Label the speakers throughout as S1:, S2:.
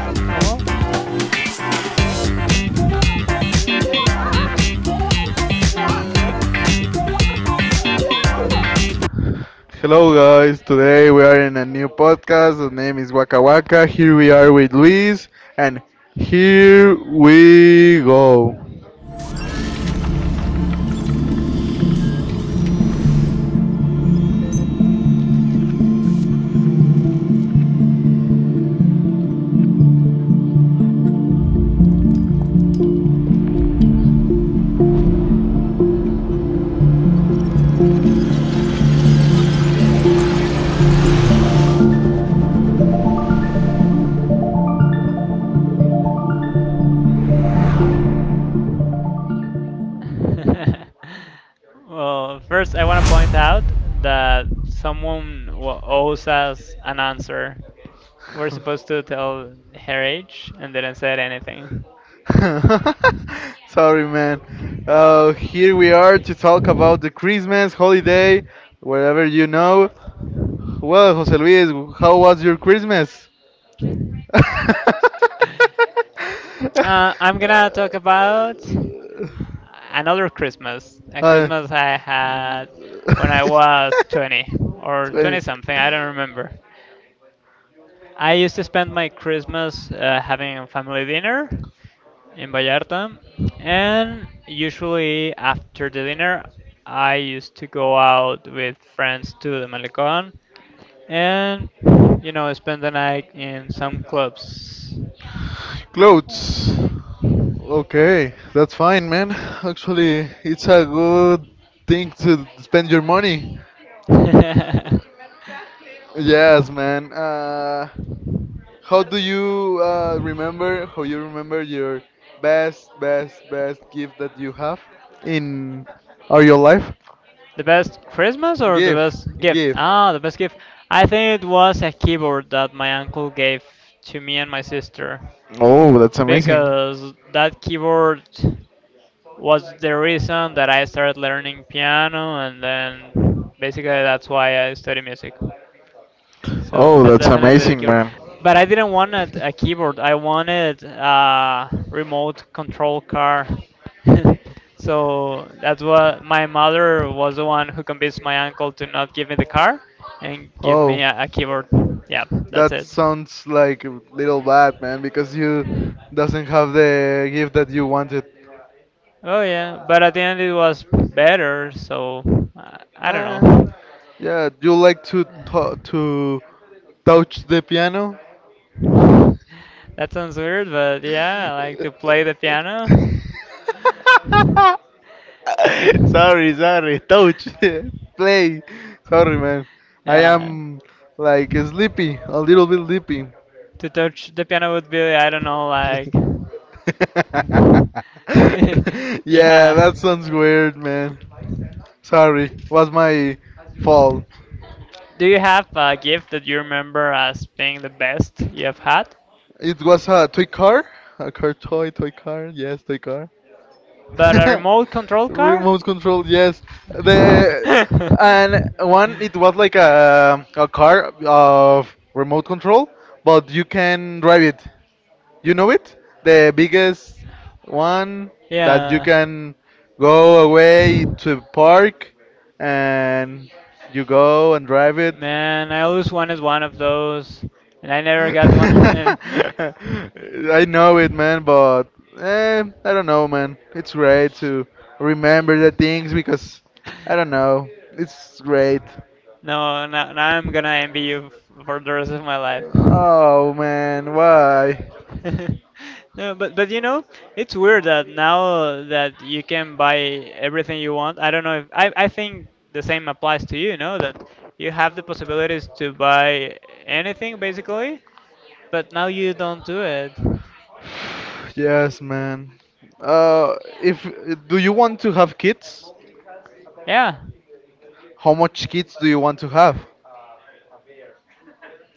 S1: ¿Cómo?
S2: Hello, guys. Today we are in a new podcast. The name is Waka Waka. Here we are with Luis, and here we go.
S1: Well, first, I want to point out that someone owes us an answer. We're supposed to tell her age and didn't say anything.
S2: Sorry, man. Here we are to talk about the Christmas holiday, wherever. Well, Jose Luis, how was your Christmas? Uh,
S1: I'm gonna talk about another Christmas. A Christmas I had when I was 20 or 20
S2: 20.
S1: something, I don't remember. I used to spend my Christmas having a family dinner in Vallarta. And usually after the dinner, I used to go out with friends to the Malecón and spend the night in some clubs.
S2: Clothes. Okay, that's fine, man. Actually, it's a good thing to spend your money. Yes, man. How do you remember? How you remember your best, best, best gift that you have in or your life?
S1: The best Christmas or the
S2: Gift,
S1: best gift?
S2: gift.
S1: Ah, the best gift. I think it was a keyboard that my uncle gave to me and my sister
S2: Oh, that's amazing.
S1: because that keyboard was the reason that I started learning piano, and then basically that's why I study music. So
S2: Oh,
S1: de-
S2: that's
S1: definitely the
S2: amazing,
S1: keyboard,
S2: man.
S1: but I didn't want a keyboard. I wanted a remote control car. So that's what my mother was the one who convinced my uncle to not give me the car and give
S2: Oh,
S1: me a keyboard. Yeah, that's
S2: that
S1: it.
S2: sounds like a little bad, man, because you doesn't have the gift that you wanted.
S1: Oh yeah, but at the end it was better, so I don't
S2: Nah.
S1: know.
S2: Yeah, you like to touch the piano?
S1: That sounds weird, but yeah, I like to play the piano.
S2: Sorry, sorry. Touch. Play. Sorry, man. I
S1: Yeah,
S2: am like sleepy, a little bit sleepy.
S1: to touch the piano would be, I don't know, like.
S2: Yeah,
S1: Yeah.
S2: that sounds weird, man. Sorry, was my fault.
S1: Do you have a gift that you remember as being the best you have had?
S2: It was a toy car, a car toy, toy car. Yes, toy car.
S1: But a remote control car?
S2: Remote control. Yes, the and one it was like a car of remote control, but you can drive it. You know it? The biggest one that you
S1: Yeah.
S2: can go away to a park and you go and drive it.
S1: Man, I always wanted one of those, and I never got one.
S2: I know it, man, but I don't know, man. It's great to remember the things because I don't know. It's great.
S1: No, now I'm gonna envy you for the rest of my life.
S2: Oh, man, why?
S1: No, but it's weird that now that you can buy everything you want. I don't know if I think the same applies to you, know, that you have the possibilities to buy anything basically, but now you don't do it.
S2: Yes, man. Uh, if do you want to have kids?
S1: Yeah.
S2: How much kids do you want to have?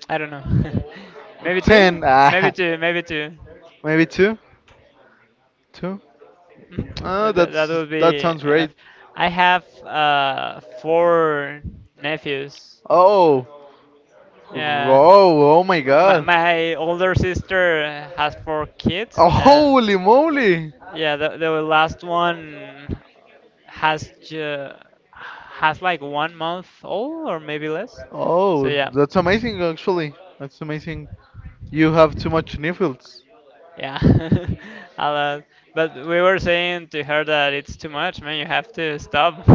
S1: I don't know. Maybe two?
S2: Ten,
S1: Maybe two, maybe two.
S2: maybe two, two.
S1: Mhm.
S2: Oh,
S1: That would
S2: that
S1: be
S2: sounds great.
S1: enough. I have four nephews.
S2: Oh,
S1: Yeah.
S2: oh, oh my
S1: My,
S2: God!
S1: my older sister has four kids,
S2: Oh,
S1: and
S2: holy moly!
S1: yeah, the last one has ju- has like 1 month old or maybe less. So
S2: Oh,
S1: yeah,
S2: that's amazing, actually. That's amazing. You have too much nipples.
S1: yeah, a lot. But we were saying to her that it's too much, man. You have to stop.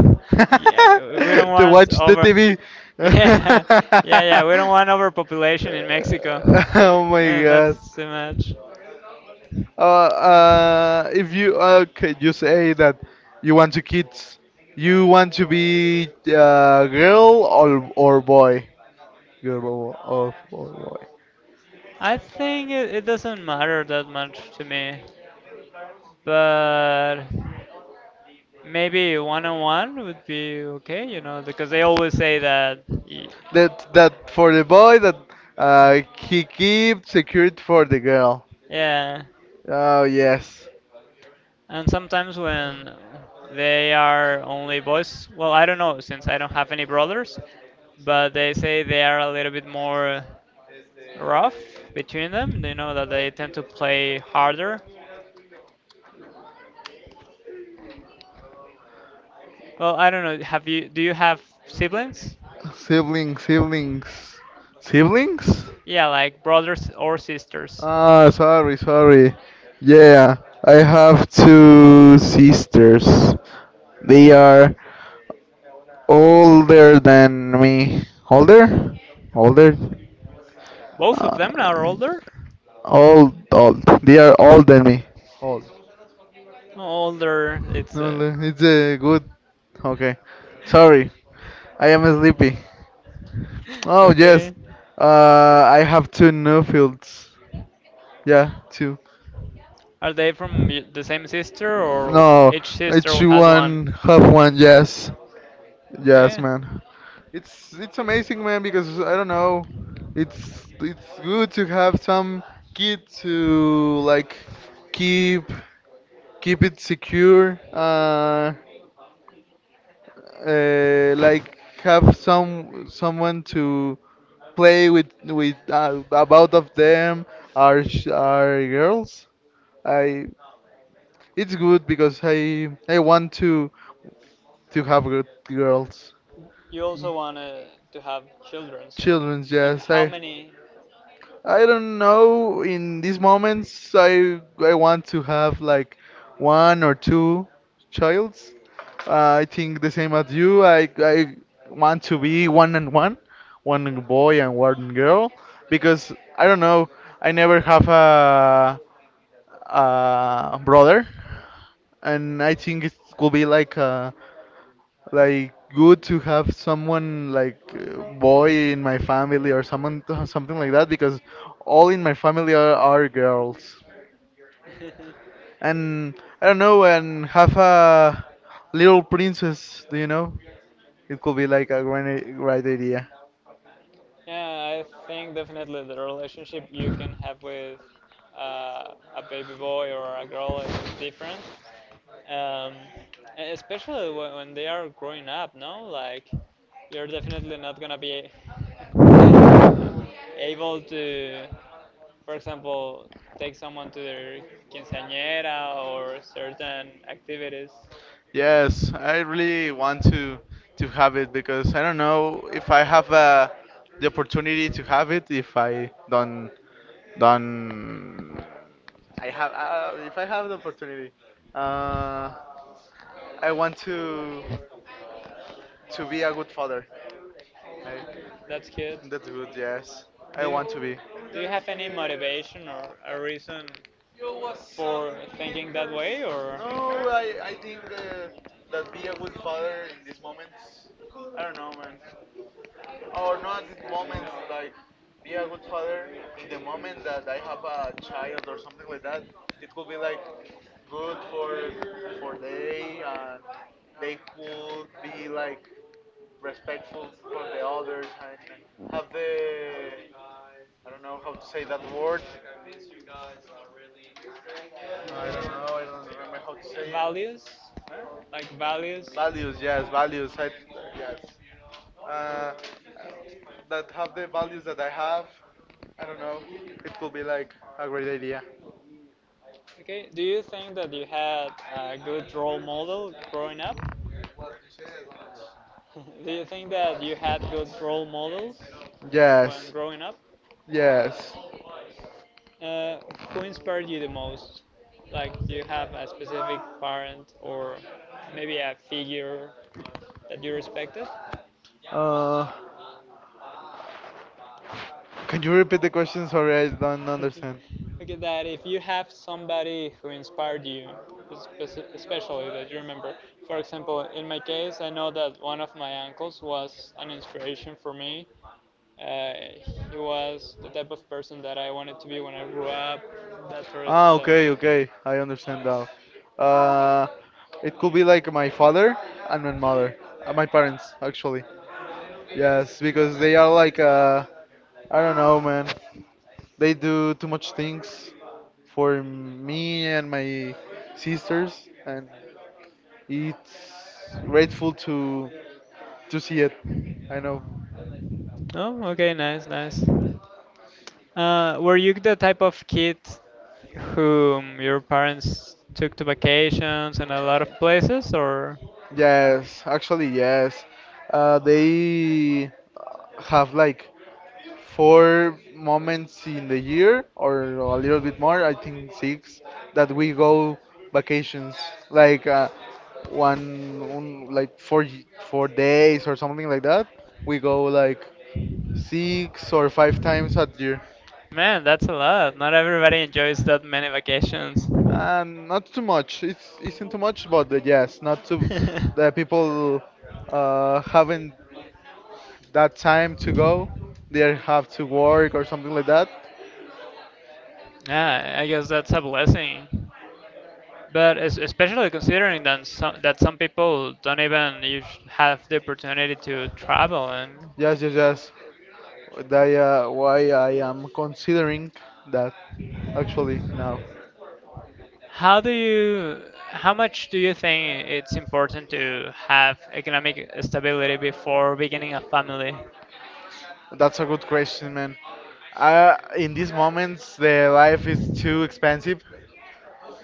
S1: Yeah, we don't
S2: To
S1: want
S2: watch the
S1: over.
S2: TV.
S1: Yeah, yeah, yeah. We don't want overpopulation in Mexico.
S2: Oh my
S1: And
S2: God.
S1: that's too much.
S2: If you okay, you say that you want to kids, you want to be girl or boy, girl or boy.
S1: I think it doesn't matter that much to me. But maybe one on one would be okay, because they always say that.
S2: That for the boy that he keep secured for the girl.
S1: Yeah.
S2: Oh yes,
S1: And sometimes when they are only boys, well, I don't know since I don't have any brothers, but they say they are a little bit more rough between them. You know that they tend to play harder. Well, I don't know. Have you? Do you have siblings?
S2: siblings, siblings, siblings.
S1: Yeah, like brothers or sisters.
S2: Ah, sorry, sorry. Yeah, I have two sisters. They are older than me. Older? Older?
S1: Both of
S2: Uh,
S1: them are older.
S2: old, old. They are older than me. Old.
S1: Older. It's
S2: No, no, it's good. Okay. Sorry, I am sleepy. Oh yes.
S1: okay.
S2: I have two new fields. Yeah, two.
S1: Are they from the same sister, or
S2: No,
S1: each
S2: it's
S1: sister has
S2: one,
S1: one?
S2: half one. Yes, yes,
S1: Okay.
S2: man. It's amazing, man, because I don't know. It's good to have some kid to like keep keep it secure. Like have someone to play with about of them are girls. I it's good because I want to have good girls.
S1: You also want to have children, so.
S2: Childrens.
S1: And
S2: Yes,
S1: how many?
S2: I don't know. In these moments, I want to have like one or two childs. I think the same as you. I want to be one and one, one boy and one girl, because I don't know. I never have a brother, and I think it could be like a like good to have someone like boy in my family or someone something like that because all in my family are girls and I don't know and have a little princess, do you know it could be like a great idea.
S1: Yeah, I think definitely the relationship you can have with a baby boy or a girl is different. Um, especially when they are growing up, no? Like, you're definitely not gonna be able to, for example, take someone to their quinceañera or certain activities.
S2: Yes, I really want to have it because I don't know if I have the opportunity to have it if I don't I have if I have the opportunity. Uh, I want to be a good father. Like
S1: That's cute.
S2: that's good. Yes, I
S1: Do
S2: want
S1: you,
S2: to be.
S1: do you have any motivation or a reason for thinking that way or? No,
S2: No,
S1: I,
S2: I think that be a good father in this moment. I don't know, man. Or not in moments like be a good father in the moment that I have a child or something like that. It could be like good for they, and they could be like respectful for the others and have the I don't know how to say that word. Like I don't know. I don't remember how to say it.
S1: Values? Like
S2: Values? Huh?
S1: values?
S2: Values, yes, values. Yes. Uh, that have the values that I have. I don't know. It could be like a great idea.
S1: Okay, do you think that you had a good role model growing up? Do you think that you had good role models when
S2: Yes.
S1: growing up?
S2: Yes.
S1: Uh, who inspired you the most? Like, do you have a specific parent or maybe a figure that you respected?
S2: Uh, can you repeat the question? Sorry, I don't understand.
S1: Okay, that if you have somebody who inspired you, especially that you remember. For example, in my case, I know that one of my uncles was an inspiration for me. Uh, he was the type of person that I wanted to be when I grew up, that sort of
S2: Ah,
S1: stuff.
S2: okay, okay. I understand now. Uh, it could be like my father and my mother, my parents actually. Yes, because they are like I don't know, man. They do too much things for me and my sisters, and it's grateful to see it. I know.
S1: Oh, okay, nice, nice. Were you the type of kid whom your parents took to vacations and a lot of places, or?
S2: Yes, actually, yes. They have like four moments in the year, or a little bit more, I think six, that we go vacations like one, one like 4 days or something like that. We go like six or five times a year.
S1: Man, that's a lot. Not everybody enjoys that many vacations.
S2: And not too much. It's isn't too much, but yes, not too.
S1: Yeah,
S2: The people haven't that time to go. They have to work or something like that.
S1: I guess that's a blessing. But especially considering that some people don't even have the opportunity to travel, and
S2: Yes, yes, yes. Why I am considering that actually now.
S1: how do you, how much do you think it's important to have economic stability before beginning a family?
S2: That's a good question, man. In these moments, the life is too expensive.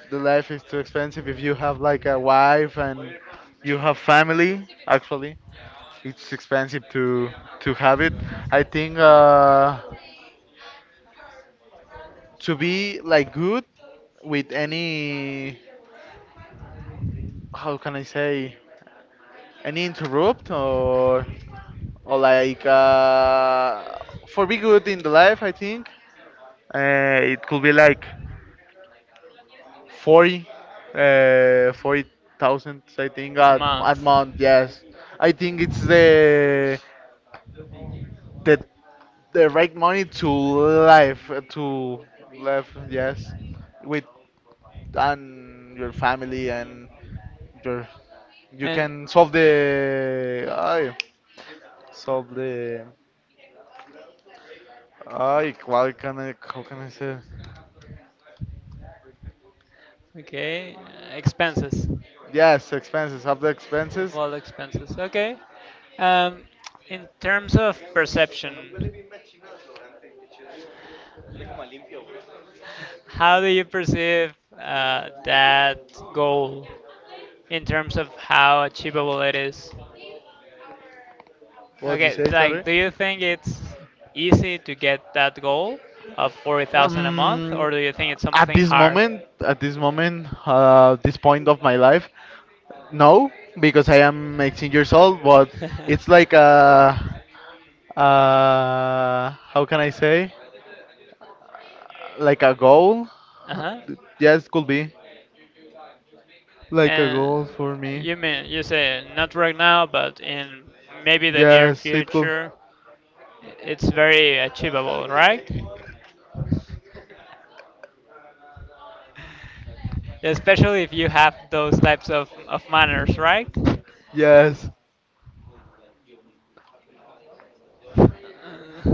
S2: The life is too expensive if you have like a wife and you have family. Actually, it's expensive to have it. I think to be like good with any, how can I say, any interrupt or like for be good in the life, I think it could be like 40, 40,000, I think at month. Yes, I think it's the the right money to life to live. Yes, with and your family and your, you
S1: And
S2: can solve the. I solve the. I, how can I say.
S1: okay, expenses.
S2: Yes, expenses. Have the
S1: Of
S2: expenses.
S1: all expenses. Okay. Um, in terms of perception, how do you perceive that goal in terms of how achievable it is?
S2: What do you
S1: Okay,
S2: say? Sorry.
S1: like, do you think it's easy to get that goal of 40,000 a month,
S2: Um,
S1: or do you think it's
S2: at
S1: something
S2: this
S1: hard?
S2: moment, at this moment, uh, this point of my life, no, because I am 18 years old. But it's like a, how can I say, like a goal.
S1: Uh huh.
S2: Yes, could be like a
S1: And
S2: goal for me.
S1: you mean you say not right now, but in maybe the near
S2: Yes, it could.
S1: future, it's very achievable, right? Especially if you have those types of manners, right?
S2: Yes,
S1: Uh,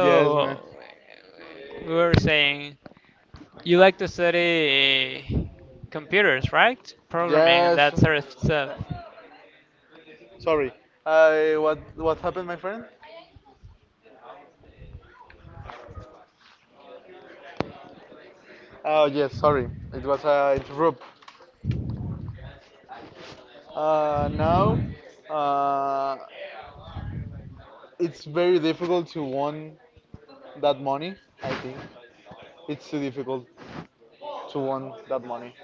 S2: yes, man.
S1: we were saying you like to study computers, right? Programming and
S2: Yes.
S1: that sort of stuff.
S2: Sorry. What happened, my friend? Oh yes, sorry. It was interrupt. Now, uh, it's very difficult to want that money. I think it's too difficult to want that money.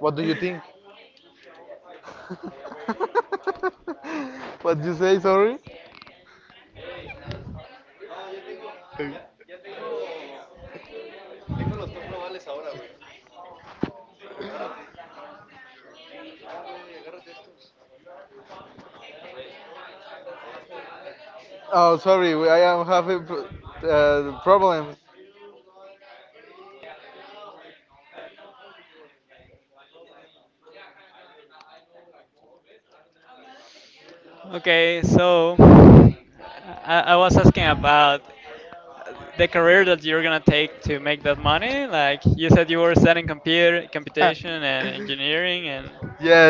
S2: What do you think? what you say? Sorry. Oh, sorry. I am having problem.
S1: Okay, so I was asking about the career that you're gonna take to make that money? Like you said, you were studying computer, computation, and engineering, and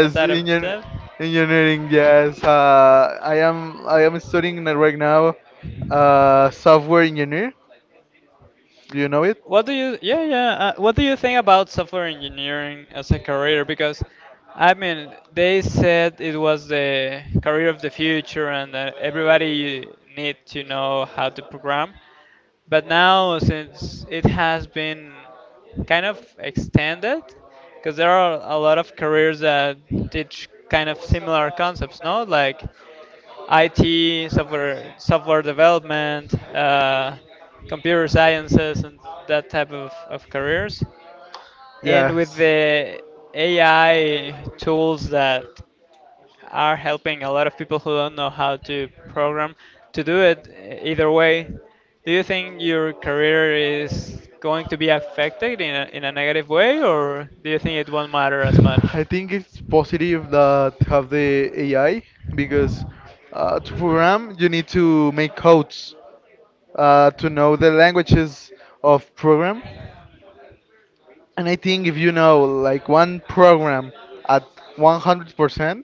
S1: that type of stuff.
S2: engineering. Yes, I am studying right now, software engineer. Do you know it?
S1: What do you? Yeah, yeah. What do you think about software engineering as a career? Because I mean, they said it was the career of the future, and that everybody need to know how to program. But now, since it has been kind of extended, because there are a lot of careers that teach kind of similar concepts, no? Like IT, software development, computer sciences, and that type of careers. And with
S2: Yes.
S1: the AI tools that are helping a lot of people who don't know how to program to do it either way. Do you think your career is going to be affected in a negative way, or do you think it won't matter as much?
S2: I think it's positive that have the AI because to program you need to make codes to know the languages of program. And I think if you know like one program at 100%,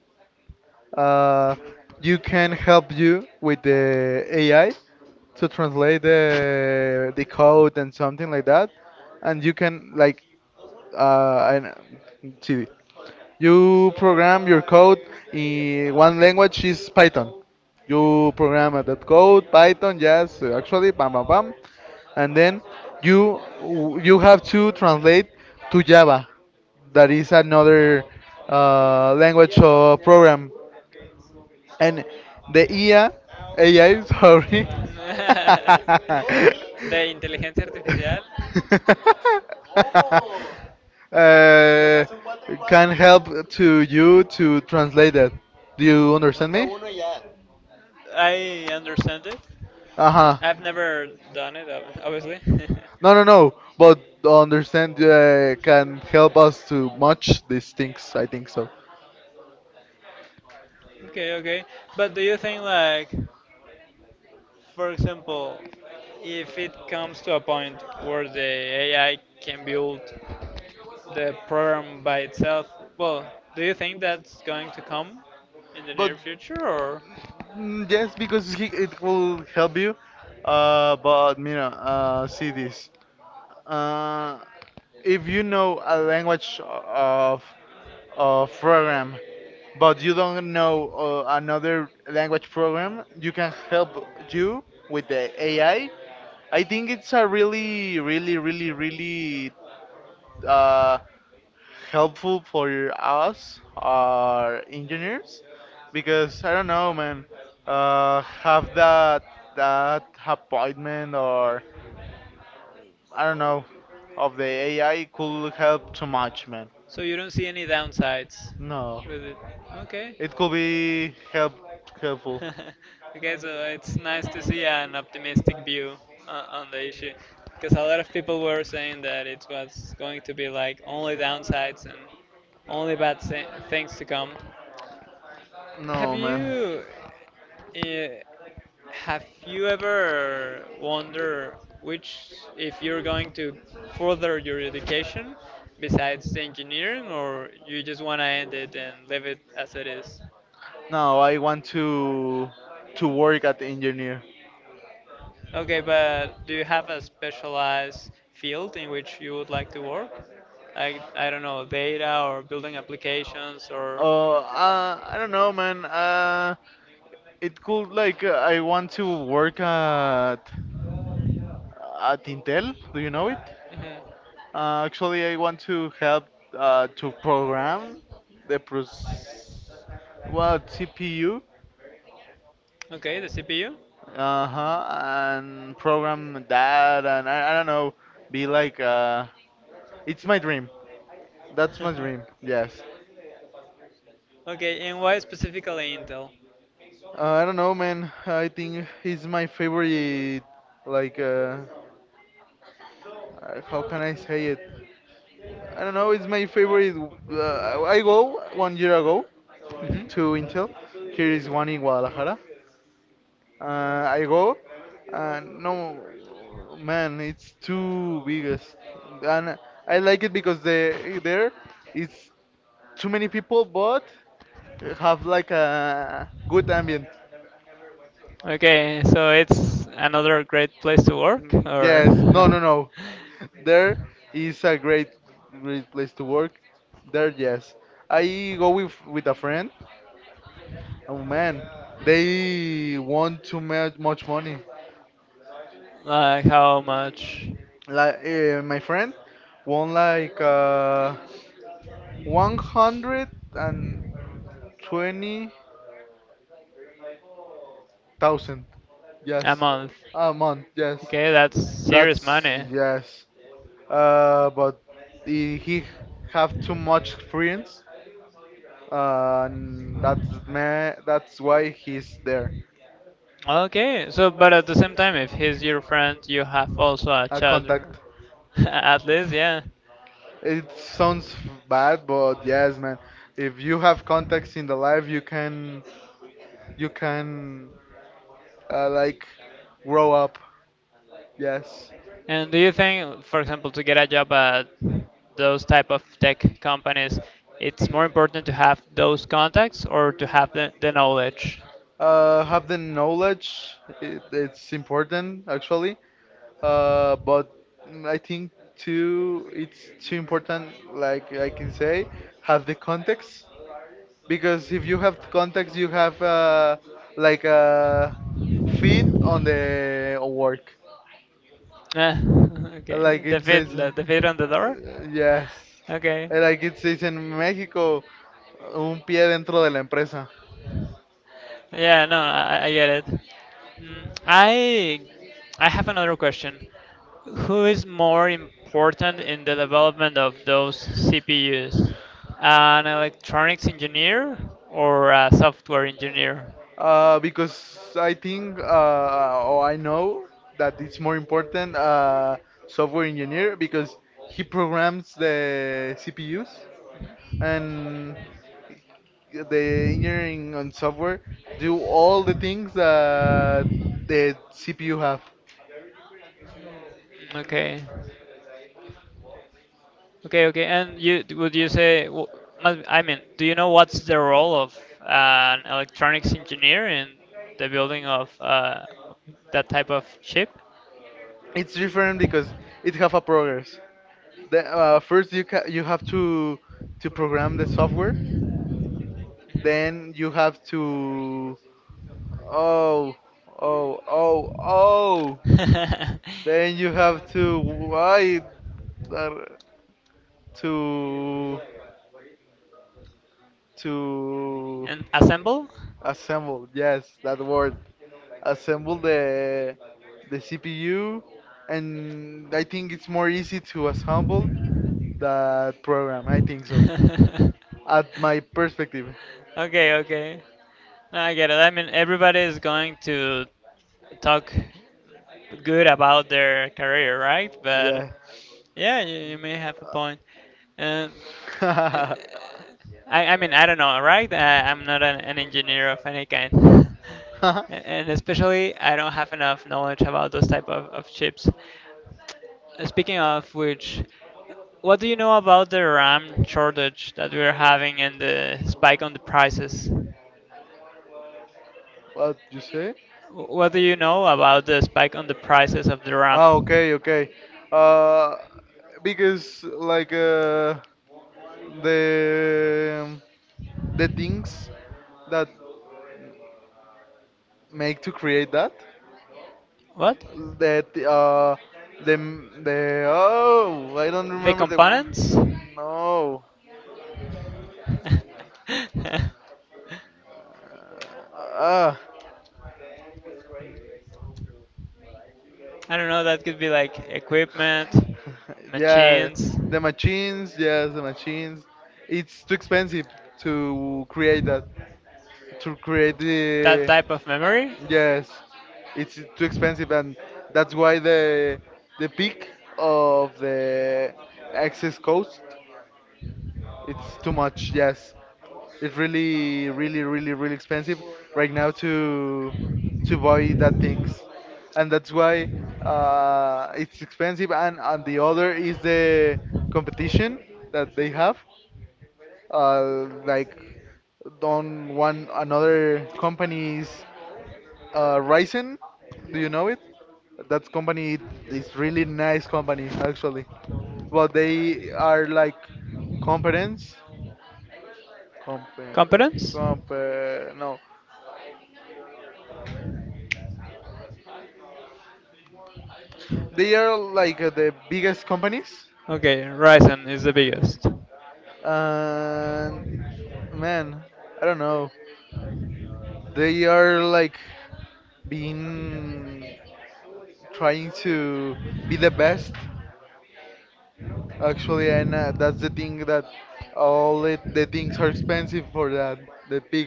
S2: uh, you can help you with the AI to translate the code and something like that, and you can like uh, I, see. You program your code in one language is Python. You program that code Python, yes, actually, bam, bam, bam, and then you you have to translate to Java. That is another language of program. And the IA, AI, sorry.
S1: The intelligence artificial,
S2: uh, can help to you to translate that. Do you understand me?
S1: I understand it.
S2: Uh-huh.
S1: I've never done it, obviously.
S2: No, no, no. But understand can help us to match these things. I think so.
S1: Okay, okay. But do you think, like, for example, if it comes to a point where the AI can build the program by itself. Well, do you think that's going to come in the
S2: But
S1: near future, or
S2: yes, because it will help you. But Mira, see this. Uh, if you know a language of program, but you don't know another language program, you can help you with the AI. I think it's a really, really, really, really uh, helpful for us, our engineers, because I don't know, man, have that appointment or I don't know of the AI could help too much, man.
S1: so you don't see any downsides
S2: No,
S1: with it? Okay.
S2: it could be helpful.
S1: Okay, so it's nice to see an optimistic view on the issue, because a lot of people were saying that it was going to be like only downsides and only bad things to come. Have
S2: No, man.
S1: you? uh, Have you ever wondered which, if you're going to further your education besides the engineering, or you just want to end it and leave it as it is?
S2: No, I want to work at engineer.
S1: Okay, but do you have a specialized field in which you would like to work? Like, I don't know, data or building applications or.
S2: Oh, computer? I don't know, man. It could like I want to work at Intel. Do you know it?
S1: Mhm.
S2: Actually, I want to help to program the pros, well, CPU.
S1: Okay, the CPU?
S2: Uh-huh, and program that, and I don't know, be like. It's my dream. That's my dream. Yes.
S1: Okay, and why specifically Intel?
S2: I don't know, man. I think he's my favorite. Like, how can I say it? I don't know. It's my favorite. I go 1 year ago to Intel.
S1: Mhm.
S2: Here is one in Guadalajara. I go, and no, man, it's too biggest, and I like it because they there it's too many people, but have like a good ambient.
S1: Okay, so it's another great place to work, or?
S2: Yes, no, no, no. There is a great, great place to work. There, yes. I go with a friend. Oh man, they want too much money.
S1: Like how much?
S2: Like my friend won like 120,000.
S1: A
S2: Yes,
S1: month.
S2: a month. Yes,
S1: Okay, that's serious
S2: that's
S1: money.
S2: yes. But he have too much friends, and that's why he's there.
S1: Okay, so but at the same time, if he's your friend, you have also a
S2: A
S1: chat,
S2: contact.
S1: r- At least, yeah.
S2: It sounds bad, but yes, man. If you have contacts in the life, you can you can uh, like grow up. Yes.
S1: And do you think, for example, to get a job at those type of tech companies, it's more important to have those contacts or to have the knowledge?
S2: Have the knowledge. It's important actually. But I think too, it's too important. Like I can say, have the context because if you have context, you have like a feet on the work.
S1: Ah,
S2: Like
S1: okay, the
S2: it
S1: fit,
S2: says,
S1: the fit on the door.
S2: yes.
S1: Okay.
S2: Like it says in Mexico, un pie dentro de la empresa.
S1: Yeah, no, I get it. Mm, I I have another question. Who is more important in the development of those CPUs? An electronics engineer or a software engineer?
S2: Because I think or I know that it's more important software engineer because he programs the CPUs, and the
S1: Mm,
S2: engineering on software do all the things that the CPU have.
S1: okay. Okay, okay. And you would you say, I mean, do you know what's the role of uh, an electronics engineer in the building of that type of chip?
S2: It's different because it have a progress. First, you have to program the software. Then you have to oh oh oh oh. Then you have to why that- to to
S1: And assemble?
S2: assemble. Yes, that word. Assemble the CPU, and I think it's more easy to assemble that program. I think so, at my perspective.
S1: Okay, okay. No, I get it. I mean, everybody is going to talk good about their career, right?
S2: Yeah.
S1: But yeah, you may have a point. Um,
S2: Uh,
S1: I mean, I don't know, right? I'm not an engineer of any kind. And especially, I don't have enough knowledge about those type of chips. Speaking of which, what do you know about the RAM shortage that we're having and the spike on the prices?
S2: What you say?
S1: What do you know about the spike on the prices of the
S2: Ah,
S1: RAM?
S2: okay, okay. Uh, because the things that make to create that
S1: What?
S2: that the oh, I don't
S1: The
S2: remember the
S1: components?
S2: no. Uh,
S1: I don't know, that could be like equipment,
S2: yeah,
S1: machines.
S2: the machines, yes, the machines. It's too expensive to create that, to create
S1: That
S2: the.
S1: type of memory?
S2: Yes, it's too expensive, and that's why the peak of the access cost it's too much. Yes, it's really, really, really, really expensive right now to buy that things, and that's why it's expensive. And the other is the competition that they have, uh, like on one another companies, Ryzen. Do you know it? That company is really nice company actually. Well, they are like competence, comp,
S1: Competence?
S2: comp, no, they are like the biggest companies,
S1: Okay, Ryzen is the biggest.
S2: and man, I don't know. They are like being trying to be the best, actually, and that's the thing that all it, the things are expensive for that. The pig,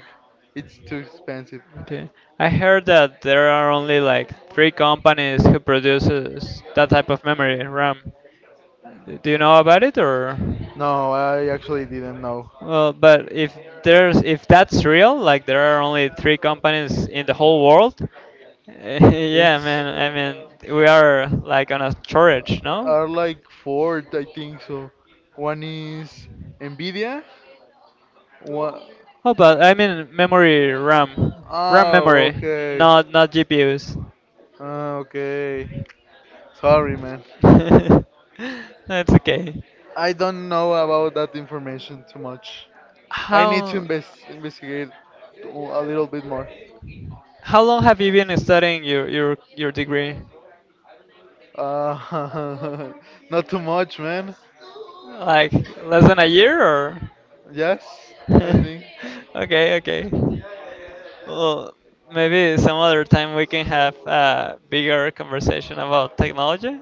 S2: it's too expensive.
S1: Okay. I heard that there are only like three companies who produces that type of memory RAM. Do you know about it or?
S2: No, I actually didn't know.
S1: Well, but if that's real, like there are only three companies in the whole world. Yeah,
S2: It's
S1: man. I mean, we are like on a
S2: uh,
S1: shortage, no?
S2: are like Ford, I think so. One is Nvidia. What?
S1: How about? I mean memory RAM, RAM
S2: Oh,
S1: memory,
S2: okay.
S1: not GPUs.
S2: Ah, okay. Sorry, man.
S1: That's okay.
S2: I don't know about that information too much. I need to
S1: How
S2: investigate a little bit more.
S1: how long have you been studying your degree?
S2: Uh, not too much, man.
S1: Like less than a year or?
S2: Yes, I think.
S1: Okay, okay. Well, maybe some other time we can have a bigger conversation about technology.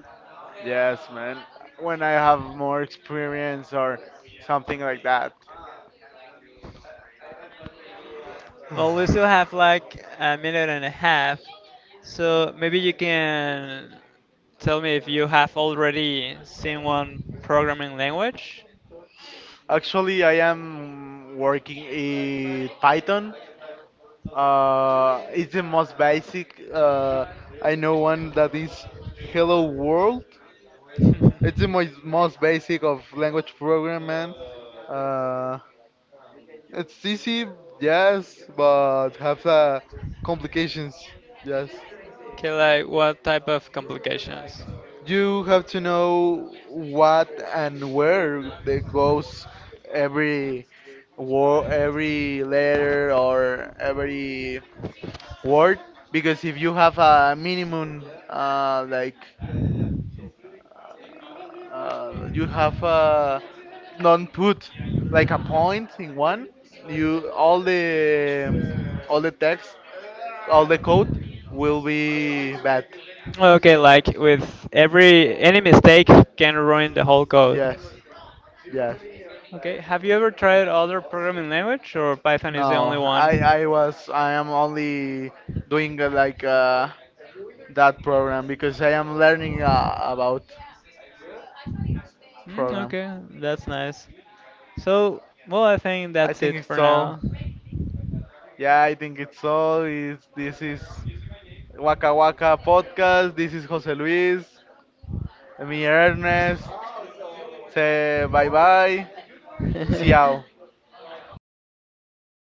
S2: Yes, man. When I have more experience or something like that.
S1: Well, we still have like a minute and a half, so maybe you can tell me if you have already seen one programming language.
S2: Actually, I am working in Python. It's the most basic. I know one that is Hello World. It's the most, most basic of language programming. Uh, it's easy, yes, but has complications, yes.
S1: Okay, like what type of complications?
S2: You have to know what and where that goes every word, every letter, or every word, because if you have a minimum you have a non put like a point in one, you all the text, all the code will be bad.
S1: Okay, like with every any mistake can ruin the whole code.
S2: Yes, yes.
S1: Okay, have you ever tried other programming language or Python
S2: no
S1: is the only
S2: i
S1: one?
S2: i was I am only doing that program because I am learning about
S1: Mm,
S2: program.
S1: okay, that's nice. So, well, I think
S2: I
S1: that's
S2: think
S1: it
S2: it's
S1: for
S2: all.
S1: now.
S2: Yeah, I think it's all. Is this is Waka Waka podcast. This is Jose Luis, me Ernest. Say bye bye. Ciao.